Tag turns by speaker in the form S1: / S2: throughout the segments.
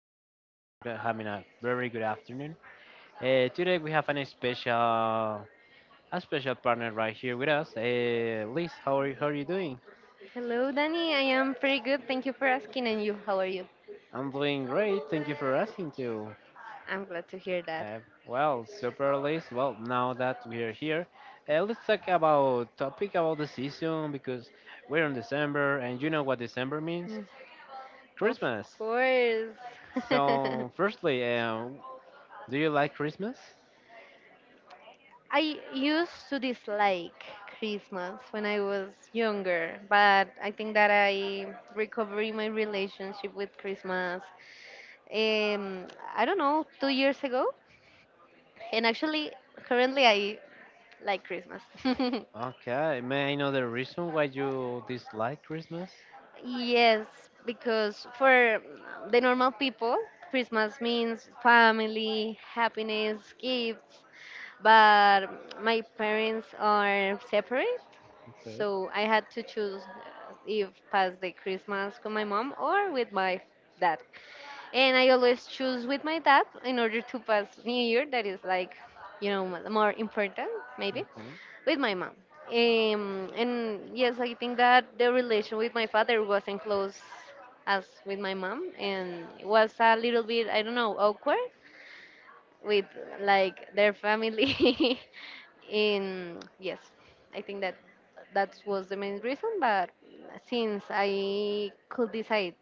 S1: podcast. I hope you're having a very good afternoon. Today we have an special, a special partner right here with us. Liz, how are you? How are you doing?
S2: Hello, Danny. I am pretty good. Thank you for asking. And you, how are you?
S1: I'm doing great. Thank you for asking too.
S2: I'm glad to hear that.
S1: Uh, Super Liz. Well, now that we are here, let's talk about topic about the season because we're in December, and you know what December means?
S2: Mm. Of
S1: Christmas.
S2: course.
S1: So, firstly, do you like Christmas?
S2: I used to dislike Christmas when I was younger, but I think that I recovered my relationship with Christmas. Um, I don't know, 2 years ago. And actually, currently, I like Christmas.
S1: Okay, may I know the reason why you dislike Christmas?
S2: Yes, because for the normal people, Christmas means family, happiness, gifts. But my parents are separate,
S1: Okay.
S2: so I had to choose if pass the Christmas with my mom or with my dad. And I always choose with my dad in order to pass New Year, that is like, more important, maybe,
S1: Hmm.
S2: with my mom. And yes, I think that the relation with my father wasn't close as with my mom and it was a little bit, I don't know, awkward with like their family in yes, I think that that was the main reason, but since I could decide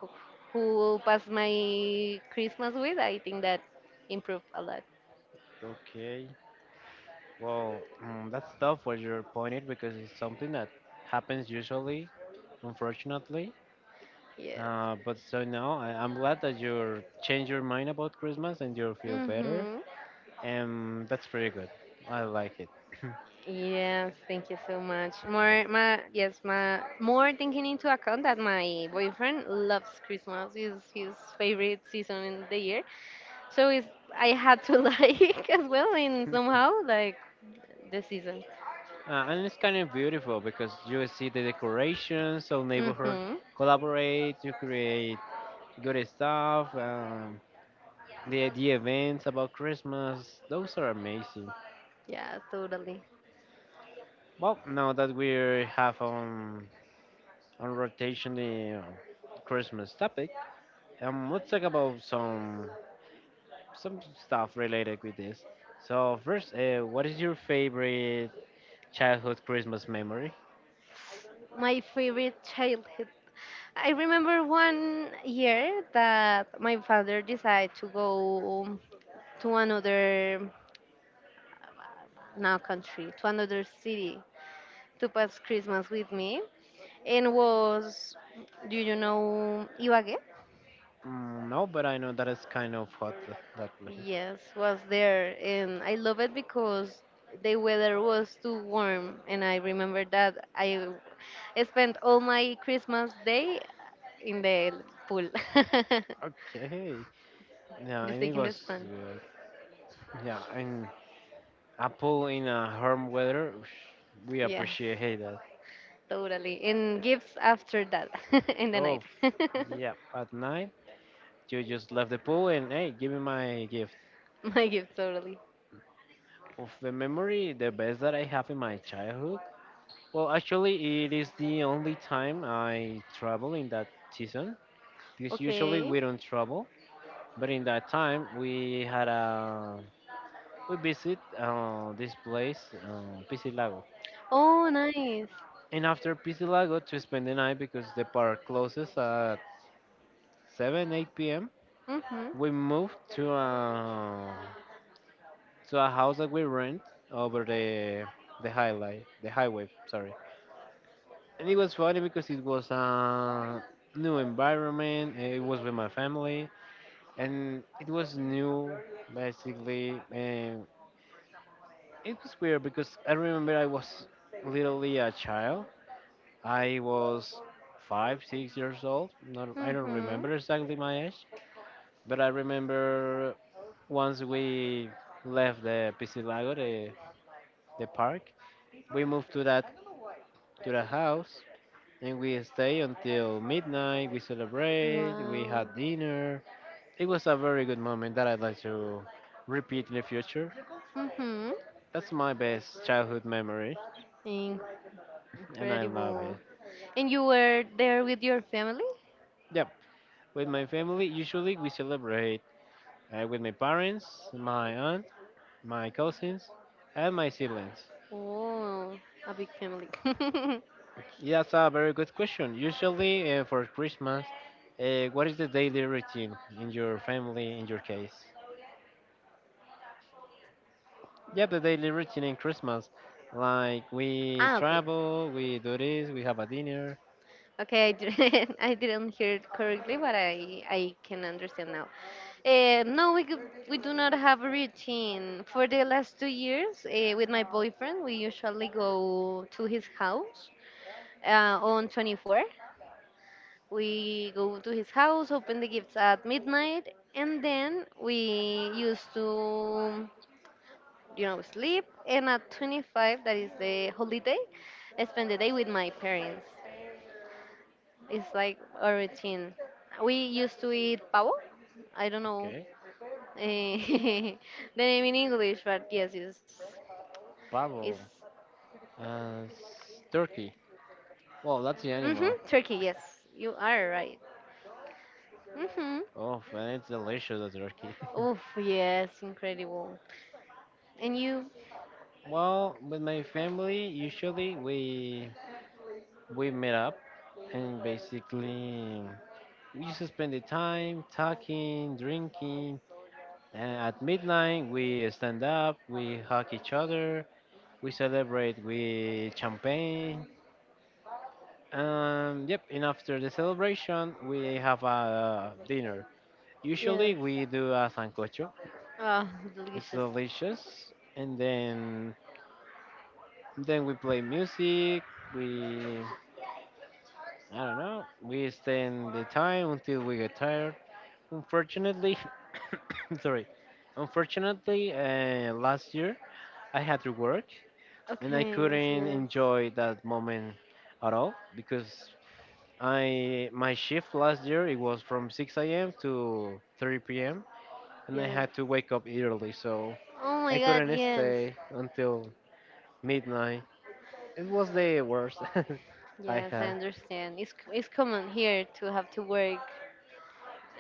S2: who who will pass my Christmas with, I think that improved a lot.
S1: Okay. Well, mm, that's tough what you're pointed because it's something that happens usually, unfortunately.
S2: Yes.
S1: But so now I'm glad that you change your mind about Christmas and you feel better,
S2: Mm-hmm.
S1: and that's pretty good. I like it.
S2: Yes, thank you so much more, taking into account that my boyfriend loves Christmas, is his favorite season in the year. So I had to like as well in
S1: Yeah.
S2: somehow like the season.
S1: And it's kind of beautiful because you see the decorations, so neighborhood
S2: Mhm.
S1: collaborate to create good stuff. The events about Christmas, those are amazing.
S2: Yeah, totally.
S1: Well, now that we have on rotation the Christmas topic, let's talk about some stuff related with this. So first, what is your favorite childhood Christmas memory?
S2: My favorite childhood. I remember one year that my father decided to go to another now country, to another city, to pass Christmas with me, and was, do you know Ibagué?
S1: Mm, no, but I know that is kind of hot that way.
S2: Yes, was there, and I love it because the weather was too warm, and I remember that I spent all my Christmas day in the pool,
S1: Okay. Yeah,
S2: just
S1: and
S2: taking the
S1: amigos.
S2: sun.
S1: Yeah, and apple in a warm weather, whoosh, we
S2: Yes,
S1: appreciate hey, that.
S2: totally. And gifts after that in the
S1: Oh,
S2: night.
S1: f- yeah. At night, you just left the pool and hey, give me my gift.
S2: My gift, totally.
S1: Of the memory, the best that I have in my childhood. Well, actually, it is the only time I travel in that season because usually
S2: Okay.
S1: we don't travel. But in that time, we had a we visit this place, Piscilago.
S2: Oh, nice.
S1: And after Pisilago to spend the night because the park closes at 7, 8 p.m.,
S2: Mhm.
S1: we moved to to a house that we rent over the highway, sorry. And it was funny because it was a new environment. It was with my family, and it was new, basically. And it was weird because I remember I was literally a child. I was five, 6 years old. Not, I don't
S2: Mhm.
S1: remember exactly my age, but I remember once we left the Piscilago, the park, we moved to that to the house and we stay until midnight. We celebrate. We
S2: Wow.
S1: had dinner. It was a very good moment that I'd like to repeat in the future. That's my best childhood memory,
S2: Mhm.
S1: and I love
S2: Incredible.
S1: it.
S2: And you were there with your family?
S1: Yep, with my family, usually we celebrate with my parents, my aunt, my cousins, and my siblings.
S2: Oh, a big family.
S1: That's a very good question. Usually for Christmas, what is the daily routine in your family, in your case? Yeah, the daily routine in Christmas. Like we
S2: Ah, okay.
S1: travel, we do this, we have a dinner.
S2: Okay, I didn't, I didn't hear it correctly, but I can understand now. No, we do not have a routine. For the last 2 years, with my boyfriend, we usually go to his house on 24. We go to his house, open the gifts at midnight, and then we used to, you know, sleep. And at 25, that is the holiday, I spend the day with my parents. It's like a routine. We used to eat pavo. I don't know
S1: Okay.
S2: eh, the name in English, but yes, it's
S1: Pavo. Turkey. Well, that's the
S2: hmm
S1: animal.
S2: turkey. Yes, you are right. Mm-hmm.
S1: Oh, and it's delicious, the turkey.
S2: Oof, yes, incredible. And you,
S1: Well, with my family, usually we meet up and basically we just spend the time talking, drinking, and at midnight we stand up, we hug each other, we celebrate with champagne. Yep, and after the celebration, we have a dinner. Usually
S2: yes.
S1: we do a sancocho.
S2: Oh,
S1: It's
S2: delicious.
S1: delicious, and then we play music. We, I don't know, we spend the time until we get tired. Unfortunately, sorry. Unfortunately, last year I had to work and I
S2: Okay,
S1: couldn't
S2: yes,
S1: enjoy that moment at all because I, my shift last year, it was from 6 a.m. to 3 p.m. and I
S2: yes.
S1: had to wake up early, so
S2: Oh
S1: I
S2: my God,
S1: couldn't
S2: yes,
S1: stay until midnight. It was the worst I
S2: yes. I
S1: had.
S2: understand. It's common here to have to work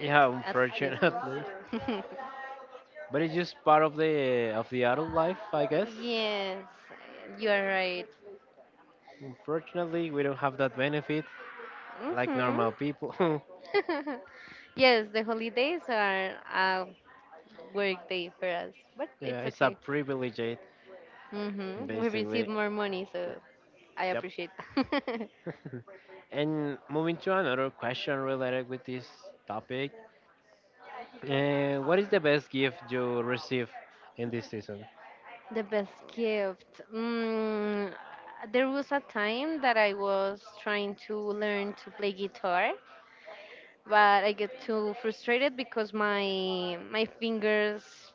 S2: eh, at Christmas.
S1: unfortunately, but it's just part of the adult life, I guess.
S2: Yes, you are right.
S1: Unfortunately, we don't have that benefit like
S2: Mhm.
S1: normal people.
S2: Yes, the holidays are a work day for us, but
S1: Yeah,
S2: it's
S1: it's a
S2: okay.
S1: privilege,
S2: Mhm. We receive
S1: basically.
S2: more money, so I
S1: Yep.
S2: appreciate.
S1: And moving to another question related with this topic. What is the best gift you receive in this season?
S2: The best gift. Mm, there was a time that I was trying to learn to play guitar, but I get too frustrated because my fingers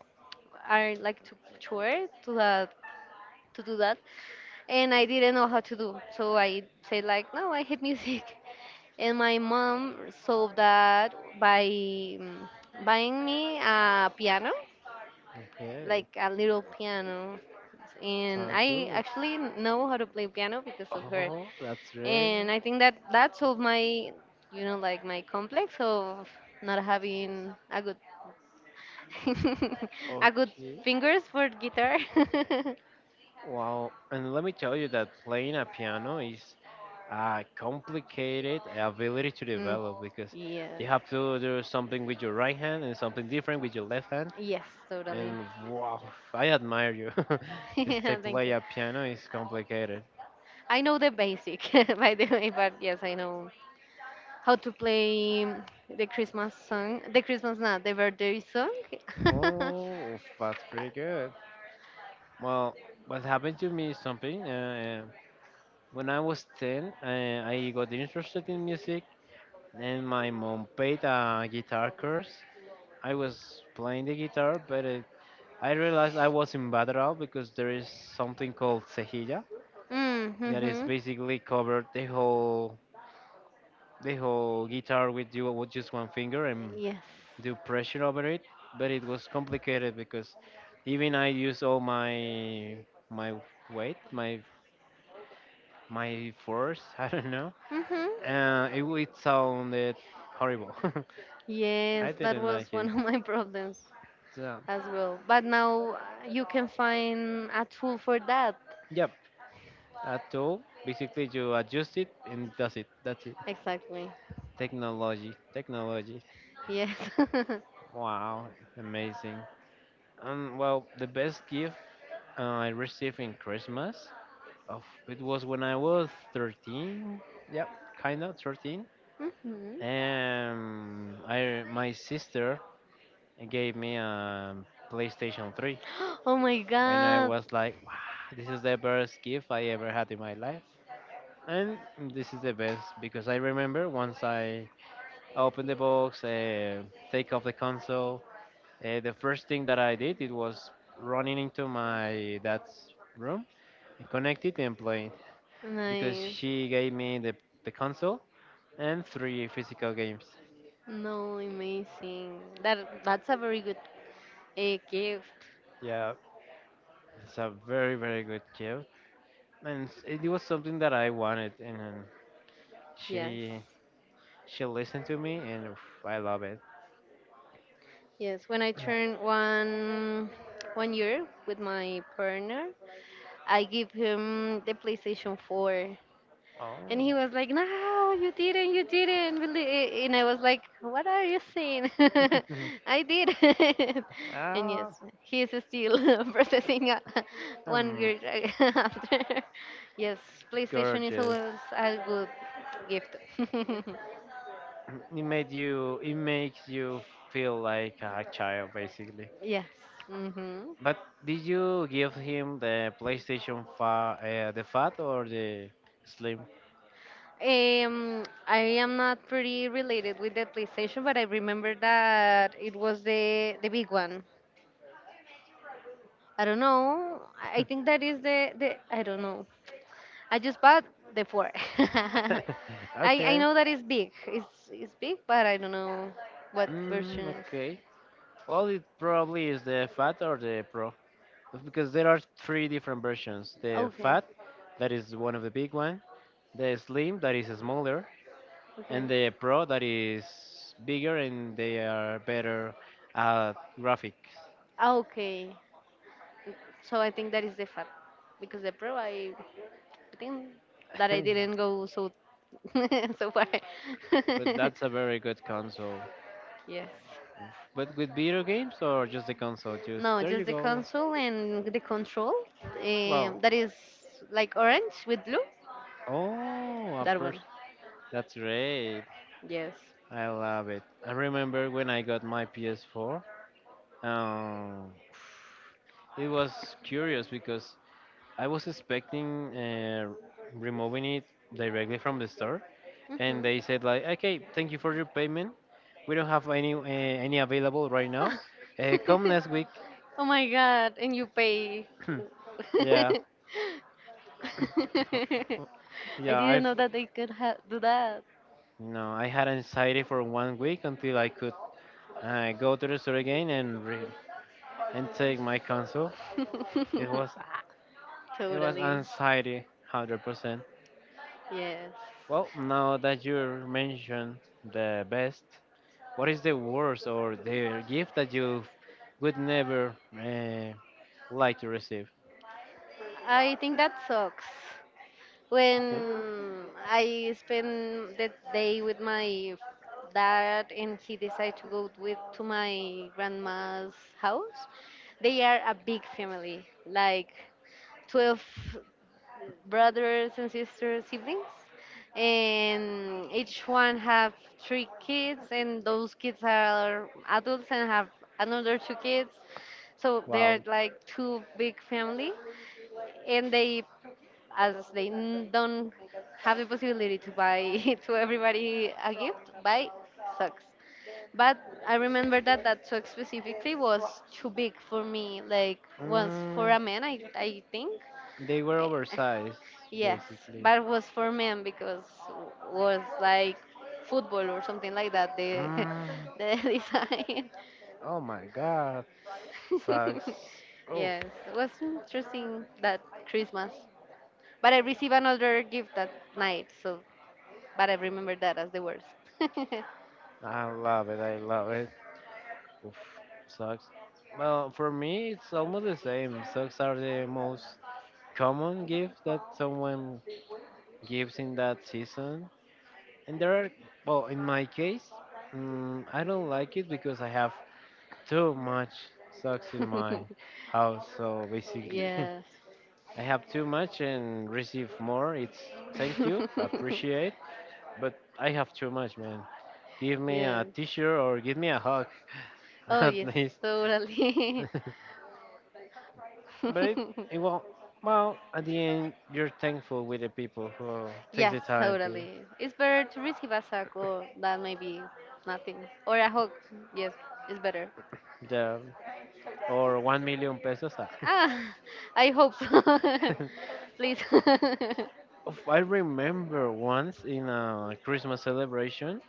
S2: are like too short to that to do that, and I didn't know how to do. So I said like, no, I hate music, and my mom solved that by mm, buying me a piano, like
S1: Okay,
S2: a little piano, and
S1: sounds
S2: I
S1: good.
S2: actually know how to play piano because of her.
S1: Oh, that's right.
S2: And I think that that solved my, you know, like my complex of not having a good a good
S1: Okay.
S2: fingers for guitar.
S1: Wow, and let me tell you that playing a piano is complicated ability to
S2: Mm,
S1: develop because
S2: yeah,
S1: you have to do something with your right hand and something different with your left hand.
S2: yes, totally.
S1: And wow, I admire you. Because to
S2: Yeah, thank
S1: play
S2: you.
S1: a piano is complicated.
S2: I know the basic, by the way, but yes, I know how to play the Christmas song, the Christmas, not the birthday song.
S1: Oh, that's pretty good. Well, what happened to me is something. When I was 10, I got interested in music, and my mom paid a guitar course. I was playing the guitar, but I realized I was in Badrao because there is something called cejilla that is
S2: Mm-hmm.
S1: basically covered the whole guitar with you with just one finger and
S2: Yes.
S1: do pressure over it. But it was complicated because even I use all my weight, my force. I don't know.
S2: Mm-hmm.
S1: It sounded horrible.
S2: Yes,
S1: I
S2: that
S1: didn't
S2: was
S1: like it.
S2: one of my problems
S1: So
S2: as well. But now you can find a tool for that.
S1: yep, a tool. Basically, you adjust it and that's it. That's it.
S2: Exactly.
S1: Technology, technology.
S2: Yes.
S1: Wow, amazing. Well, the best gift I received in Christmas, of it was when I was 13. Yep, kind of 13.
S2: Mm-hmm.
S1: And I, my sister gave me a PlayStation 3,
S2: Oh my
S1: and I
S2: god.
S1: was like, wow, this is the best gift I ever had in my life. And this is the best because I remember once I opened the box, take off the console. The first thing that I did it was running into my dad's room, and connect it and play it because
S2: Nice.
S1: she gave me the console and three physical games.
S2: No, amazing. That that's a very good a gift.
S1: Yeah, it's a very good gift, and it was something that I wanted, and
S2: Yes.
S1: she she listened to me, and oof, I love it.
S2: Yes, when I turned one year with my partner, I give him the PlayStation 4.
S1: Oh.
S2: And he was like, No, you didn't, you didn't. Believe And I was like, What are you saying? I did. And yes,
S1: Ah,
S2: he's still processing one
S1: um,
S2: year after. Yes, PlayStation is
S1: gorgeous.
S2: always a good gift.
S1: It makes you feel like a child basically,
S2: Yes. Hmm.
S1: but did you give him the PlayStation the fat or the slim?
S2: I am not pretty related with the PlayStation, but I remember that it was the big one. I don't know. I think that is the, I don't know. I just bought the four. I I
S1: Okay.
S2: know that it's big. It's big, but I don't know what version
S1: Mm,
S2: is.
S1: okay, well it probably is the fat or the pro because there are three different versions: the
S2: Okay,
S1: fat, that is one of the big one, the slim, that is smaller,
S2: okay,
S1: and the pro, that is bigger and they are better at graphics.
S2: ah, okay. So I think that is the fat because the pro I think that I
S1: But
S2: didn't go so so far.
S1: that's a very good console.
S2: Yes.
S1: But with video games or just the console? Just
S2: No,
S1: there you
S2: just the
S1: go.
S2: console and the control.
S1: Wow!
S2: That is like orange with blue.
S1: Oh, a
S2: That one.
S1: person. That's great.
S2: Yes.
S1: I love it. I remember when I got my PS4. Um, it was curious because I was expecting removing it directly from the store, and
S2: Mhm.
S1: they said like, okay, thank you for your payment, we don't have any available right now, come next week.
S2: Oh my god, and you pay.
S1: yeah
S2: I
S1: yeah
S2: didn't
S1: I've
S2: know that they could do that.
S1: no I had anxiety for 1 week until I could go to the store again and and take my console. it was it was
S2: Totally.
S1: anxiety 100%.
S2: Yes.
S1: Well, now that you mentioned the best, what is the worst or the gift that you would never uh, like to receive?
S2: I think that sucks. When I spend the day with my dad and he decided to go with to my grandma's house, they are a big family, like 12 brothers and sisters, siblings. And each one have three kids and those kids are adults and have another two kids. So
S1: Wow.
S2: they're like two big family, and they as they don't have the possibility to buy to everybody a gift, buy socks. But I remember that that sock specifically was too big for me. Like was for
S1: Mm,
S2: a man, I think.
S1: they were
S2: Eh,
S1: oversized,
S2: yes,
S1: basically.
S2: but it was for men because was like football or something like that. The
S1: Mm,
S2: the design.
S1: oh my god, sucks. Oof.
S2: Yes, it was interesting that Christmas. But I received another gift that night, so but I remember that as the worst.
S1: I love it. I love it. Oof, socks. Well, for me, it's almost the same. Socks are the most common gift that someone gives in that season. And there are, well, in my case, I don't like it because I have too much socks in my house. So basically,
S2: Yes.
S1: I have too much and receive more. It's, thank you, appreciate, but I have too much, man. Give me a
S2: Yes.
S1: t-shirt or give me a hug,
S2: Oh,
S1: at
S2: yes,
S1: least.
S2: totally.
S1: But it, it will well, at the end, you're thankful with the people who takes
S2: Yes,
S1: the time to.
S2: totally. It's better to receive a suck or that maybe nothing. Or a hug. Yes, it's better.
S1: The or 1 million pesos. Ah.
S2: Ah, I hope so. Please.
S1: Oof, I remember once in a Christmas celebration,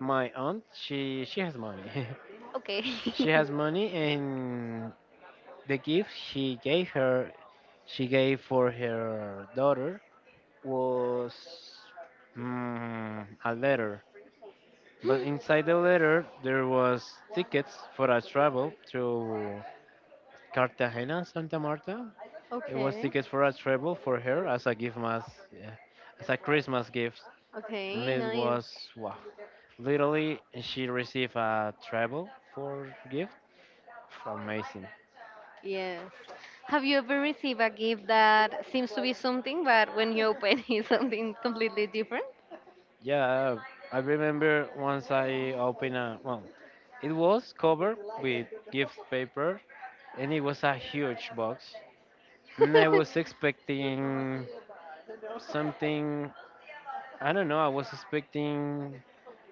S1: my aunt, she has money.
S2: Okay.
S1: She has money and the gift she gave for her daughter was, mm, a letter, but inside the letter there was tickets for a travel to Cartagena, Santa Marta. It was
S2: Okay.
S1: tickets for a travel for her as a gift mas, yeah, as a Christmas gift. And
S2: Okay,
S1: it
S2: nice.
S1: was, wow, literally she received a travel for gift. Amazing.
S2: Yes. Have you ever received a gift that seems to be something, but when you open it's something completely different?
S1: Yeah, I remember once I opened a, well, it was covered with gift paper and it was a huge box. And I was expecting something. I don't know, I was expecting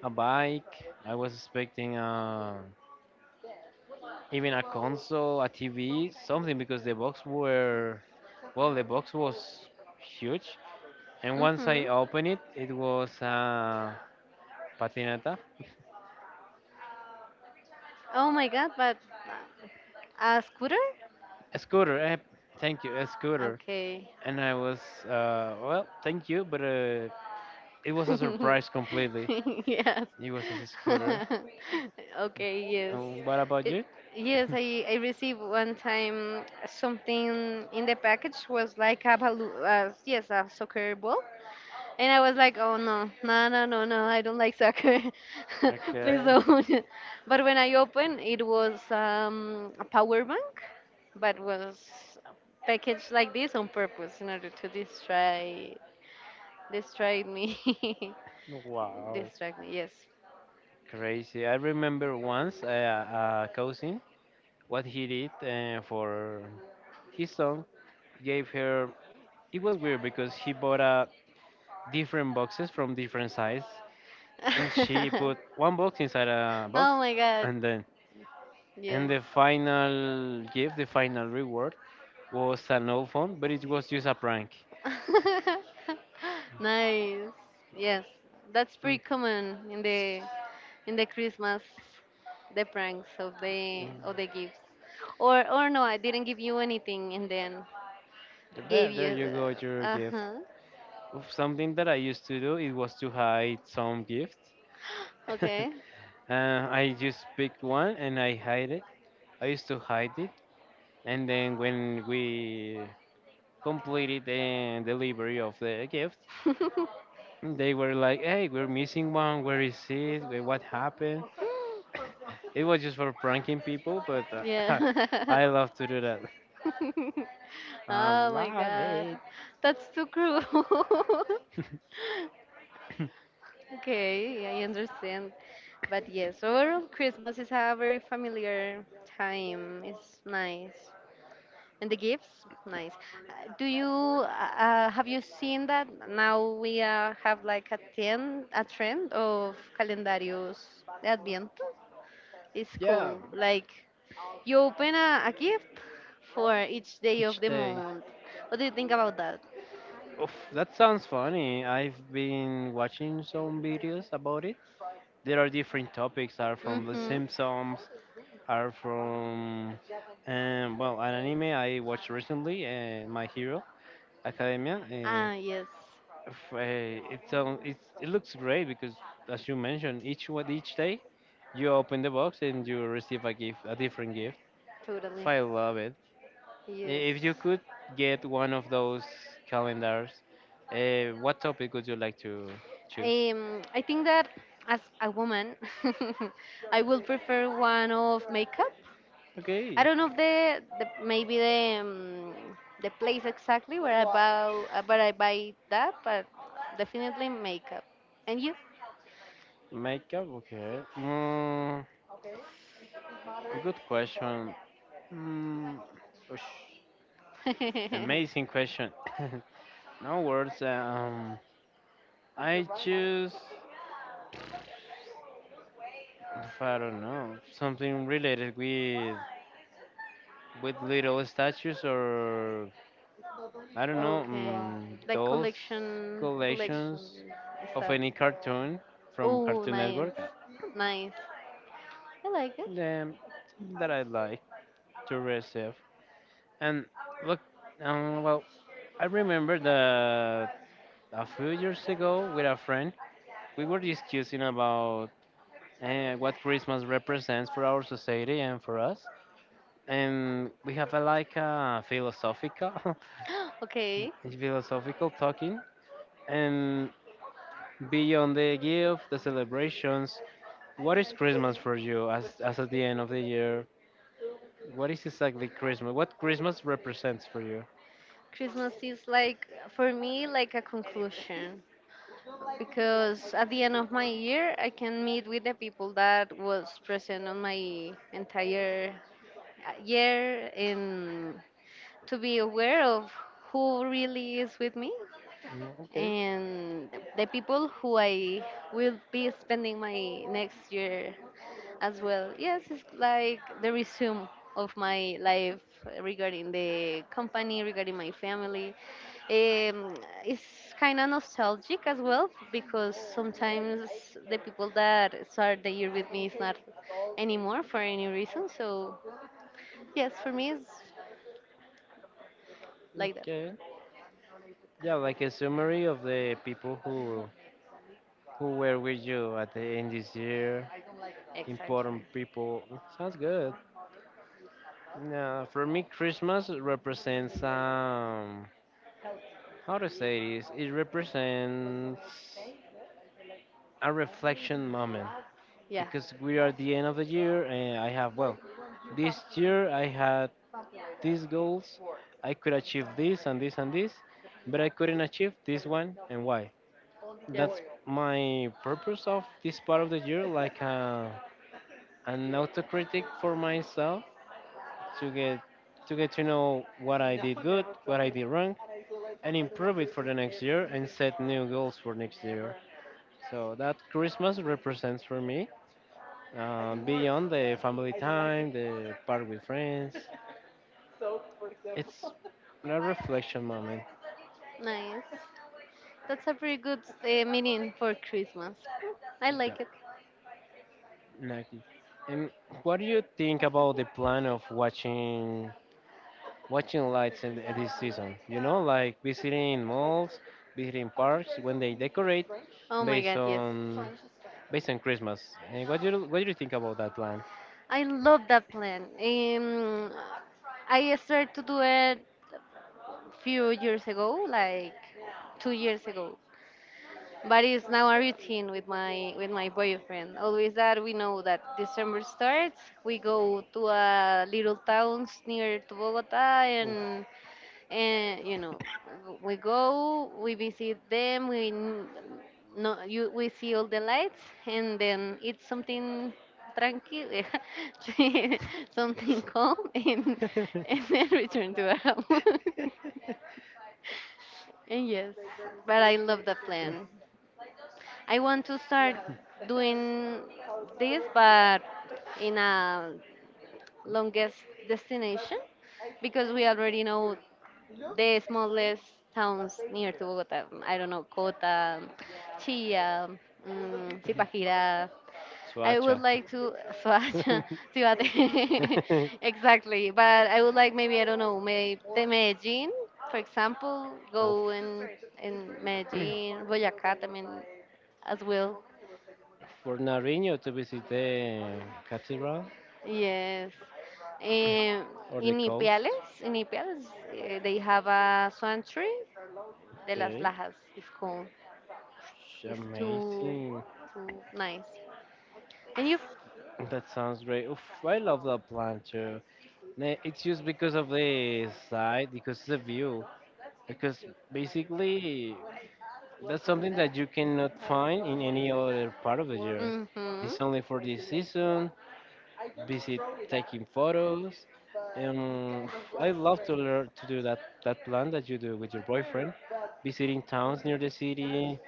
S1: a bike, I was expecting even a console, a TV, something, because the box was huge. And once I
S2: Hmm.
S1: opened it, it was a patineta.
S2: Oh my god, but a scooter?
S1: A scooter. Eh, thank you. A scooter.
S2: Okay.
S1: And I was, well, thank you, but it was a surprise completely.
S2: Yes.
S1: It was a scooter.
S2: Okay, yes.
S1: And what about
S2: It,
S1: you?
S2: yes, I received one time something in the package was like a balloon, yes, a soccer ball. And I was like, oh no, no, no, no, no, I don't like soccer. Please
S1: Okay.
S2: don't. But when I opened, it was a power bank, but was packaged like this on purpose in order to distract me.
S1: Wow.
S2: Distract me, yes.
S1: Crazy. I remember once a cousin, what he did for his son, gave her. It was weird because he bought different boxes from different size, and she put one box inside a
S2: Oh
S1: box,
S2: my god,
S1: and then, and
S2: yes.
S1: the final gift, the final reward, was an old phone, but it was just a prank.
S2: Nice. Yes, that's pretty
S1: Mm,
S2: common in the Christmas, the pranks
S1: mm.
S2: of the gifts. Or no, I didn't give you anything and then gave
S1: There
S2: you.
S1: you go, your gift.
S2: Uh-huh.
S1: Oof, something that I used to do, it was to hide some gifts.
S2: Okay.
S1: I just picked one and I hide it. I used to hide it, and then when we completed the delivery of the gift, they were like, "Hey, we're missing one. Where is it? Wait, what happened?" It was just for pranking people, but
S2: Yeah.
S1: I love to do that. I
S2: Oh my
S1: love
S2: god.
S1: it.
S2: That's too cruel. Okay, I understand. But yes, overall, Christmas is a very familiar time. It's nice. And the gifts, nice. Do you have you seen that now we have like a ten a trend of calendarios de Adviento? It's
S1: Yeah,
S2: cool. Like you open a gift for each day
S1: each
S2: of the
S1: day.
S2: month. What do you think about that?
S1: Oof, that sounds funny. I've been watching some videos about it. There are different topics. Are from The
S2: Mm-hmm.
S1: Simpsons. Are from well, an anime I watched recently, My Hero Academia.
S2: Ah, yes,
S1: It sounds it looks great because, as you mentioned, each day you open the box and you receive a gift, a different gift.
S2: totally.
S1: I love it.
S2: Yes.
S1: If you could get one of those calendars, what topic would you like to choose?
S2: I think that as a woman, I will prefer one of makeup.
S1: Okay,
S2: I don't know if the maybe the place exactly where I buy that, but definitely makeup. And you?
S1: makeup. Okay. Mm, good question. Mm, oosh, amazing question. No words. I choose. If I don't know, something related with little statues or I don't know,
S2: Okay, like
S1: those
S2: collection
S1: collections of
S2: stuff.
S1: any cartoon from
S2: Oh,
S1: Cartoon
S2: nice,
S1: Network,
S2: nice. I like it.
S1: um, that I like to receive. And look, um, well, I remember that a few years ago with a friend, we were discussing about what Christmas represents for our society and for us. And we have a, like a philosophical,
S2: Okay,
S1: philosophical talking. And beyond the gift, the celebrations, what is Christmas for you as at the end of the year? What is exactly Christmas? What Christmas represents for you?
S2: Christmas is like for me like a conclusion, because at the end of my year I can meet with the people that was present on my entire year and to be aware of who really is with me,
S1: Mm, okay,
S2: and the people who I will be spending my next year as well. Yes, it's like the resume of my life, regarding the company, regarding my family. Um, it's kind of nostalgic as well because sometimes the people that start the year with me is not anymore for any reason. So, yes, for me, it's like that.
S1: okay. Yeah, like a summary of the people who were with you at the end this year,
S2: Exactly.
S1: important people. Sounds good. Yeah, for me, Christmas represents, how to say this? It represents a reflection moment
S2: Yeah,
S1: because we are at the end of the year and I have, well, this year I had these goals. I could achieve this and this and this, but I couldn't achieve this one, and why?
S2: yes.
S1: That's my purpose of this part of the year, like an autocritic for myself to get to get to know what I did good, what I did wrong, and improve it for the next year and set new goals for next year. So that Christmas represents for me, like, beyond the family like time, the part with friends, it's a reflection moment.
S2: Nice. That's a pretty good meaning for Christmas. I
S1: Yeah,
S2: like it.
S1: exactly. And what do you think about the plan of watching lights in this season? You know, like visiting malls, visiting parks when they decorate
S2: Oh my
S1: based
S2: god, yes.
S1: on based on Christmas. And what do you think about that plan?
S2: I love that plan. I started to do it few years ago, like 2 years ago. But it's now a routine with my boyfriend. Always that we know that December starts, we go to a little towns near to Bogota,
S1: Oof.
S2: and you know we go we visit them we n- no you we see all the lights, and then it's something tranquil, something calm, and then return to our home. And yes, but I love the plan. I want to start doing this but in a longest destination, because we already know the smallest towns near to Bogota. I don't know, Cota, Chía, Zipaquirá. I would
S1: Swacha.
S2: like to Soacha, Cibate. Exactly, but I would like maybe I don't know, maybe the Medellin, for example,
S1: Oof.
S2: go in Medellin, Boyacá, también, as well.
S1: For Nariño to visit the cathedral
S2: Yes. Um,
S1: or the coast.
S2: In Ipiales, eh, they have a swan tree. De las
S1: Okay.
S2: Lajas is called. It's too
S1: Amazing.
S2: too nice. And you?
S1: That sounds great. Oof, I love that plan too. Ne- It's just because of the side, because the view. Because basically, that's something that you cannot find in any other part of the year.
S2: Mhm.
S1: It's only for this season. Taking photos. But Um, I love to learn to do that, that plan that you do with your boyfriend, visiting towns near the city,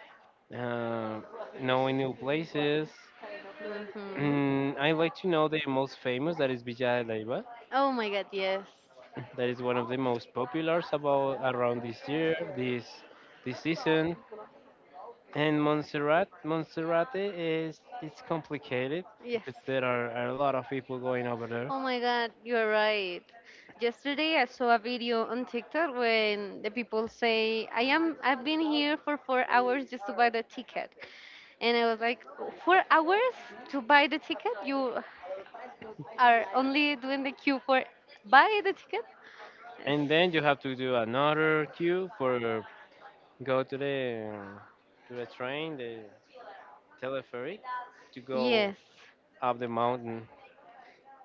S1: uh, knowing new places.
S2: Mhm.
S1: Mm, I like to know the most famous, that is Villa de Leyva.
S2: Oh my God. Yes.
S1: That is one of the most populars about around this year, this season. And Montserrat, Montserrat is, it's complicated
S2: Yes.
S1: because there are a lot of people going over there.
S2: Oh my God. You are right. Yesterday I saw a video on TikTok when the people say, "I am. I've been here for 4 hours just to buy the ticket," and I was like, 4 hours to buy the ticket? You are only doing the queue for buy the ticket? Yes.
S1: And then you have to do another queue for go to the train, the telepheric, to go
S2: Yes.
S1: up the mountain.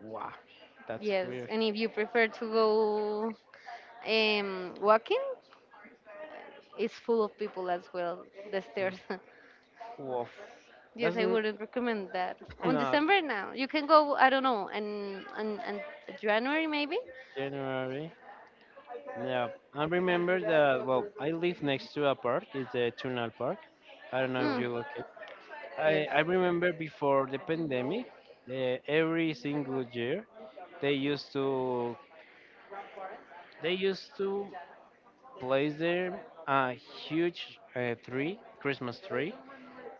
S1: Wow, that's
S2: Yes,
S1: weird.
S2: and if you prefer to go walking, it's full of people as well, the stairs.
S1: Woof.
S2: Yes,
S1: That's
S2: I
S1: n-
S2: wouldn't recommend that. On
S1: not
S2: December now, you can go, I don't know, and and January maybe?
S1: January. Yeah, I remember that. Well, I live next to a park. It's a Tunnel Park. I don't know if
S2: Mm,
S1: you look it. I
S2: yes.
S1: I remember before the pandemic, every single year they used to they used to place there a huge tree, Christmas tree,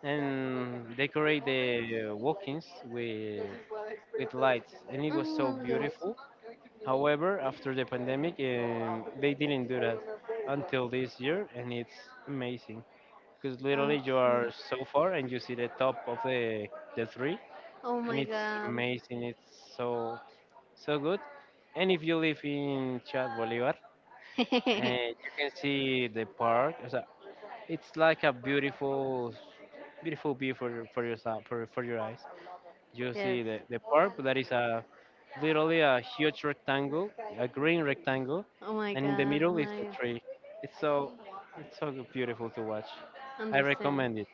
S1: and decorate the walk-ins with lights, and it was so
S2: Mm, yes.
S1: beautiful. However, after the pandemic, they didn't do that until this year, and it's amazing because literally you are
S2: Okay.
S1: so far and you see the top of the tree,
S2: Oh
S1: and
S2: my
S1: it's
S2: god.
S1: amazing. It's so so good. And if you live in Chad Bolivar, you can see the park. It's like a beautiful, beautiful view for your for your for your eyes. You
S2: Yes.
S1: see the park, that is a literally a huge rectangle, a green rectangle,
S2: Oh my
S1: and in the
S2: god.
S1: middle is the
S2: I
S1: tree. It's so, it's so beautiful to watch. I
S2: understand.
S1: recommend it.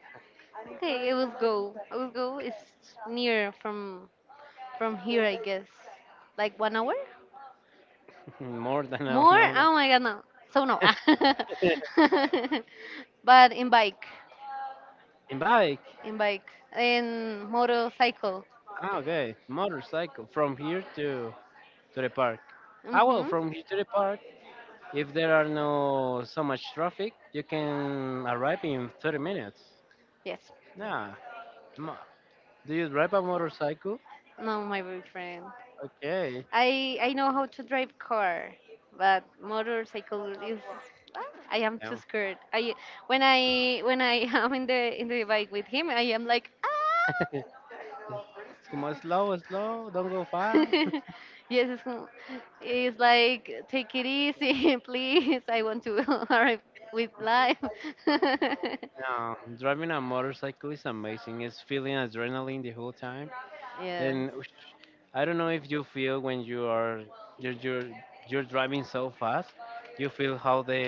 S2: Okay, I will go. I will go. It's near from here, I guess. Like one hour?
S1: More than I
S2: More?
S1: know.
S2: Oh my god, no. So no. But in bike,
S1: In bike.
S2: in bike, in motorcycle.
S1: Ah, okay. Motorcycle from here to the park. Ah, well,
S2: Mhm.
S1: from here to the park, if there are no so much traffic, you can arrive in 30 minutes.
S2: Yes.
S1: Nah. Mo- Do you drive a motorcycle?
S2: No, my boyfriend.
S1: Okay.
S2: I know how to drive car, but motorcycle is ah, I am too
S1: No.
S2: scared. I when I am in the bike with him, I am like ah.
S1: It's, come on, slow, slow. Don't go fast.
S2: Yes, it's, como- it's like take it easy, please. I want to arrive with life.
S1: No, driving a motorcycle is amazing. It's feeling adrenaline the whole time.
S2: Yes,
S1: And whoosh, I don't know if you feel when you're you're, you're driving so fast. You feel how the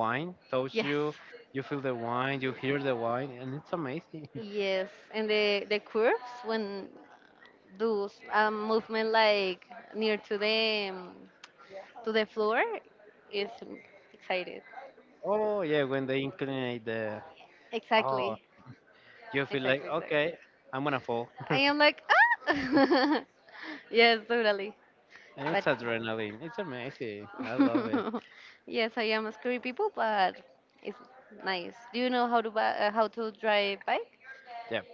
S1: wine touch
S2: yes,
S1: you. You feel the wine. You hear the wine, and it's amazing.
S2: yes. And the curves when do a movement like near to the floor is excited.
S1: Oh yeah, when they inclinate the. Oh,
S2: Exactly,
S1: you feel like,
S2: exactly, exactly.
S1: okay, I'm gonna fall.
S2: I
S1: And
S2: am like ah. Yes, totally. But
S1: it's adrenaline. It's amazing. I love it.
S2: yes, I am a creepy people, but it's nice. Do you know how to how to drive bike?
S1: Yep.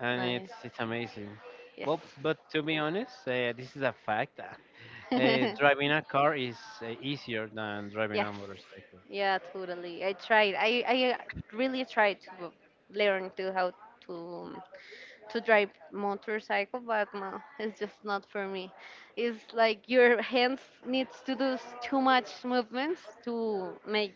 S1: And
S2: Nice.
S1: it's amazing.
S2: Yes.
S1: Well, but to be honest, this is a fact. Driving a car is easier than driving
S2: Yes.
S1: a motorcycle.
S2: Yeah, totally. I tried. I really tried to learn to how to um, to drive motorcycle, but no, it's just not for me. It's like your hands needs to do too much movements to make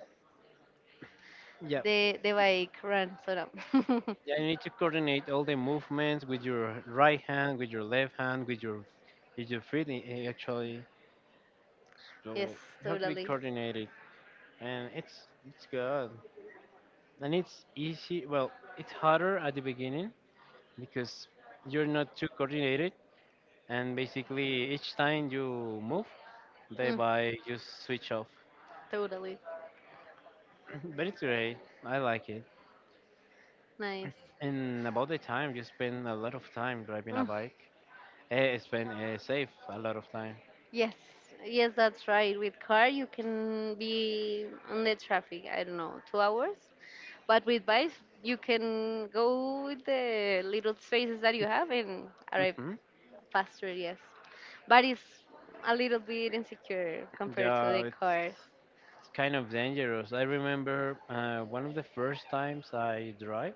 S1: Yeah.
S2: the bike run. So no.
S1: Yeah, you need to coordinate all the movements with your right hand, with your left hand, with your feet actually. So
S2: Yes,
S1: you have to be
S2: totally.
S1: coordinated, and it's good, and it's easy. Well, it's harder at the beginning because you're not too coordinated and basically each time you move the
S2: Mm.
S1: bike just switch off.
S2: Totally.
S1: But it's great, I like it.
S2: Nice.
S1: And about the time, you spend a lot of time driving a
S2: Mm,
S1: bike, spend, save a lot of time.
S2: yes. Yes, that's right. With car, you can be on the traffic, I don't know, 2 hours. But with bike, you can go with the little spaces that you have and arrive
S1: Hmm,
S2: faster, yes. But it's a little bit insecure compared to
S1: yeah,
S2: the cars.
S1: it's kind of dangerous. I remember one of the first times I drive,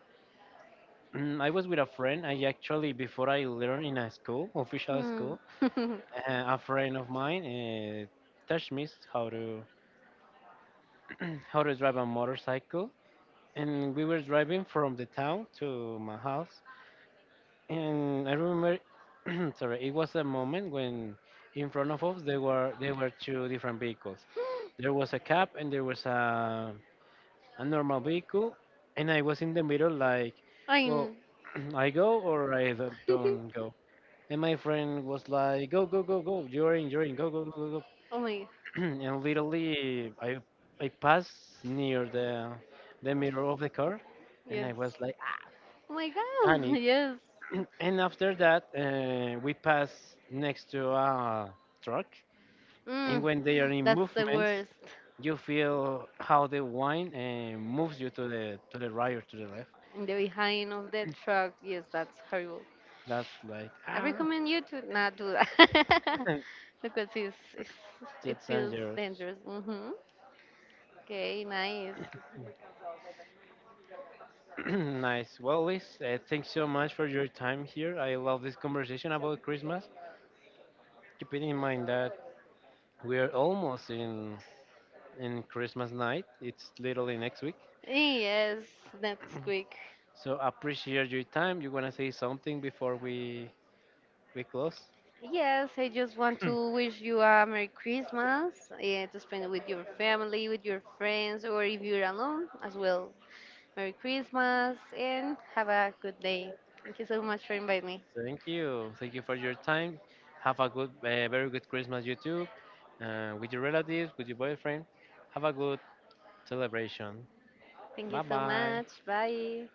S1: I was with a friend. I actually, before, I learned in a school, official
S2: Hmm.
S1: school. A friend of mine touched me how to how to drive a motorcycle, and we were driving from the town to my house. And I remember, sorry, it was a moment when in front of us there were two different vehicles. There was a cab and there was a normal vehicle, and I was in the middle, like,
S2: I
S1: well,
S2: mean,
S1: I go or I don't go. And my friend was like, go, go, go, go, you're in, go, go, go, go, go.
S2: oh my,
S1: And literally I passed near the mirror of the car, and I
S2: yes.
S1: was like, ah,
S2: Oh my God,
S1: panic.
S2: yes.
S1: And after that, we pass next to a truck, and
S2: Mm,
S1: when they are in
S2: that's the
S1: movements,
S2: worst.
S1: you feel how the wine moves you to the right or to the left.
S2: In the behind of the truck, yes, that's horrible.
S1: That's like
S2: I
S1: ah,
S2: recommend you to not do that. Because it's it
S1: it's
S2: feels
S1: dangerous.
S2: dangerous. Hmm. Okay, nice.
S1: Nice. Well, Liz, thanks so much for your time here. I love this conversation about Christmas. Keeping in mind that we're almost in Christmas night. It's literally next week.
S2: Yes, that's quick.
S1: So appreciate your time. You wanna say something before we close?
S2: Yes, I just want to wish you a Merry Christmas, yeah, to spend it with your family, with your friends, or if you're alone as well. Merry Christmas and have a good day. Thank you so much for inviting me.
S1: Thank you. Thank you for your time. Have a good, very good Christmas, you too, with your relatives, with your boyfriend. Have a good celebration.
S2: Thank you
S1: Bye
S2: so
S1: bye.
S2: much. Bye.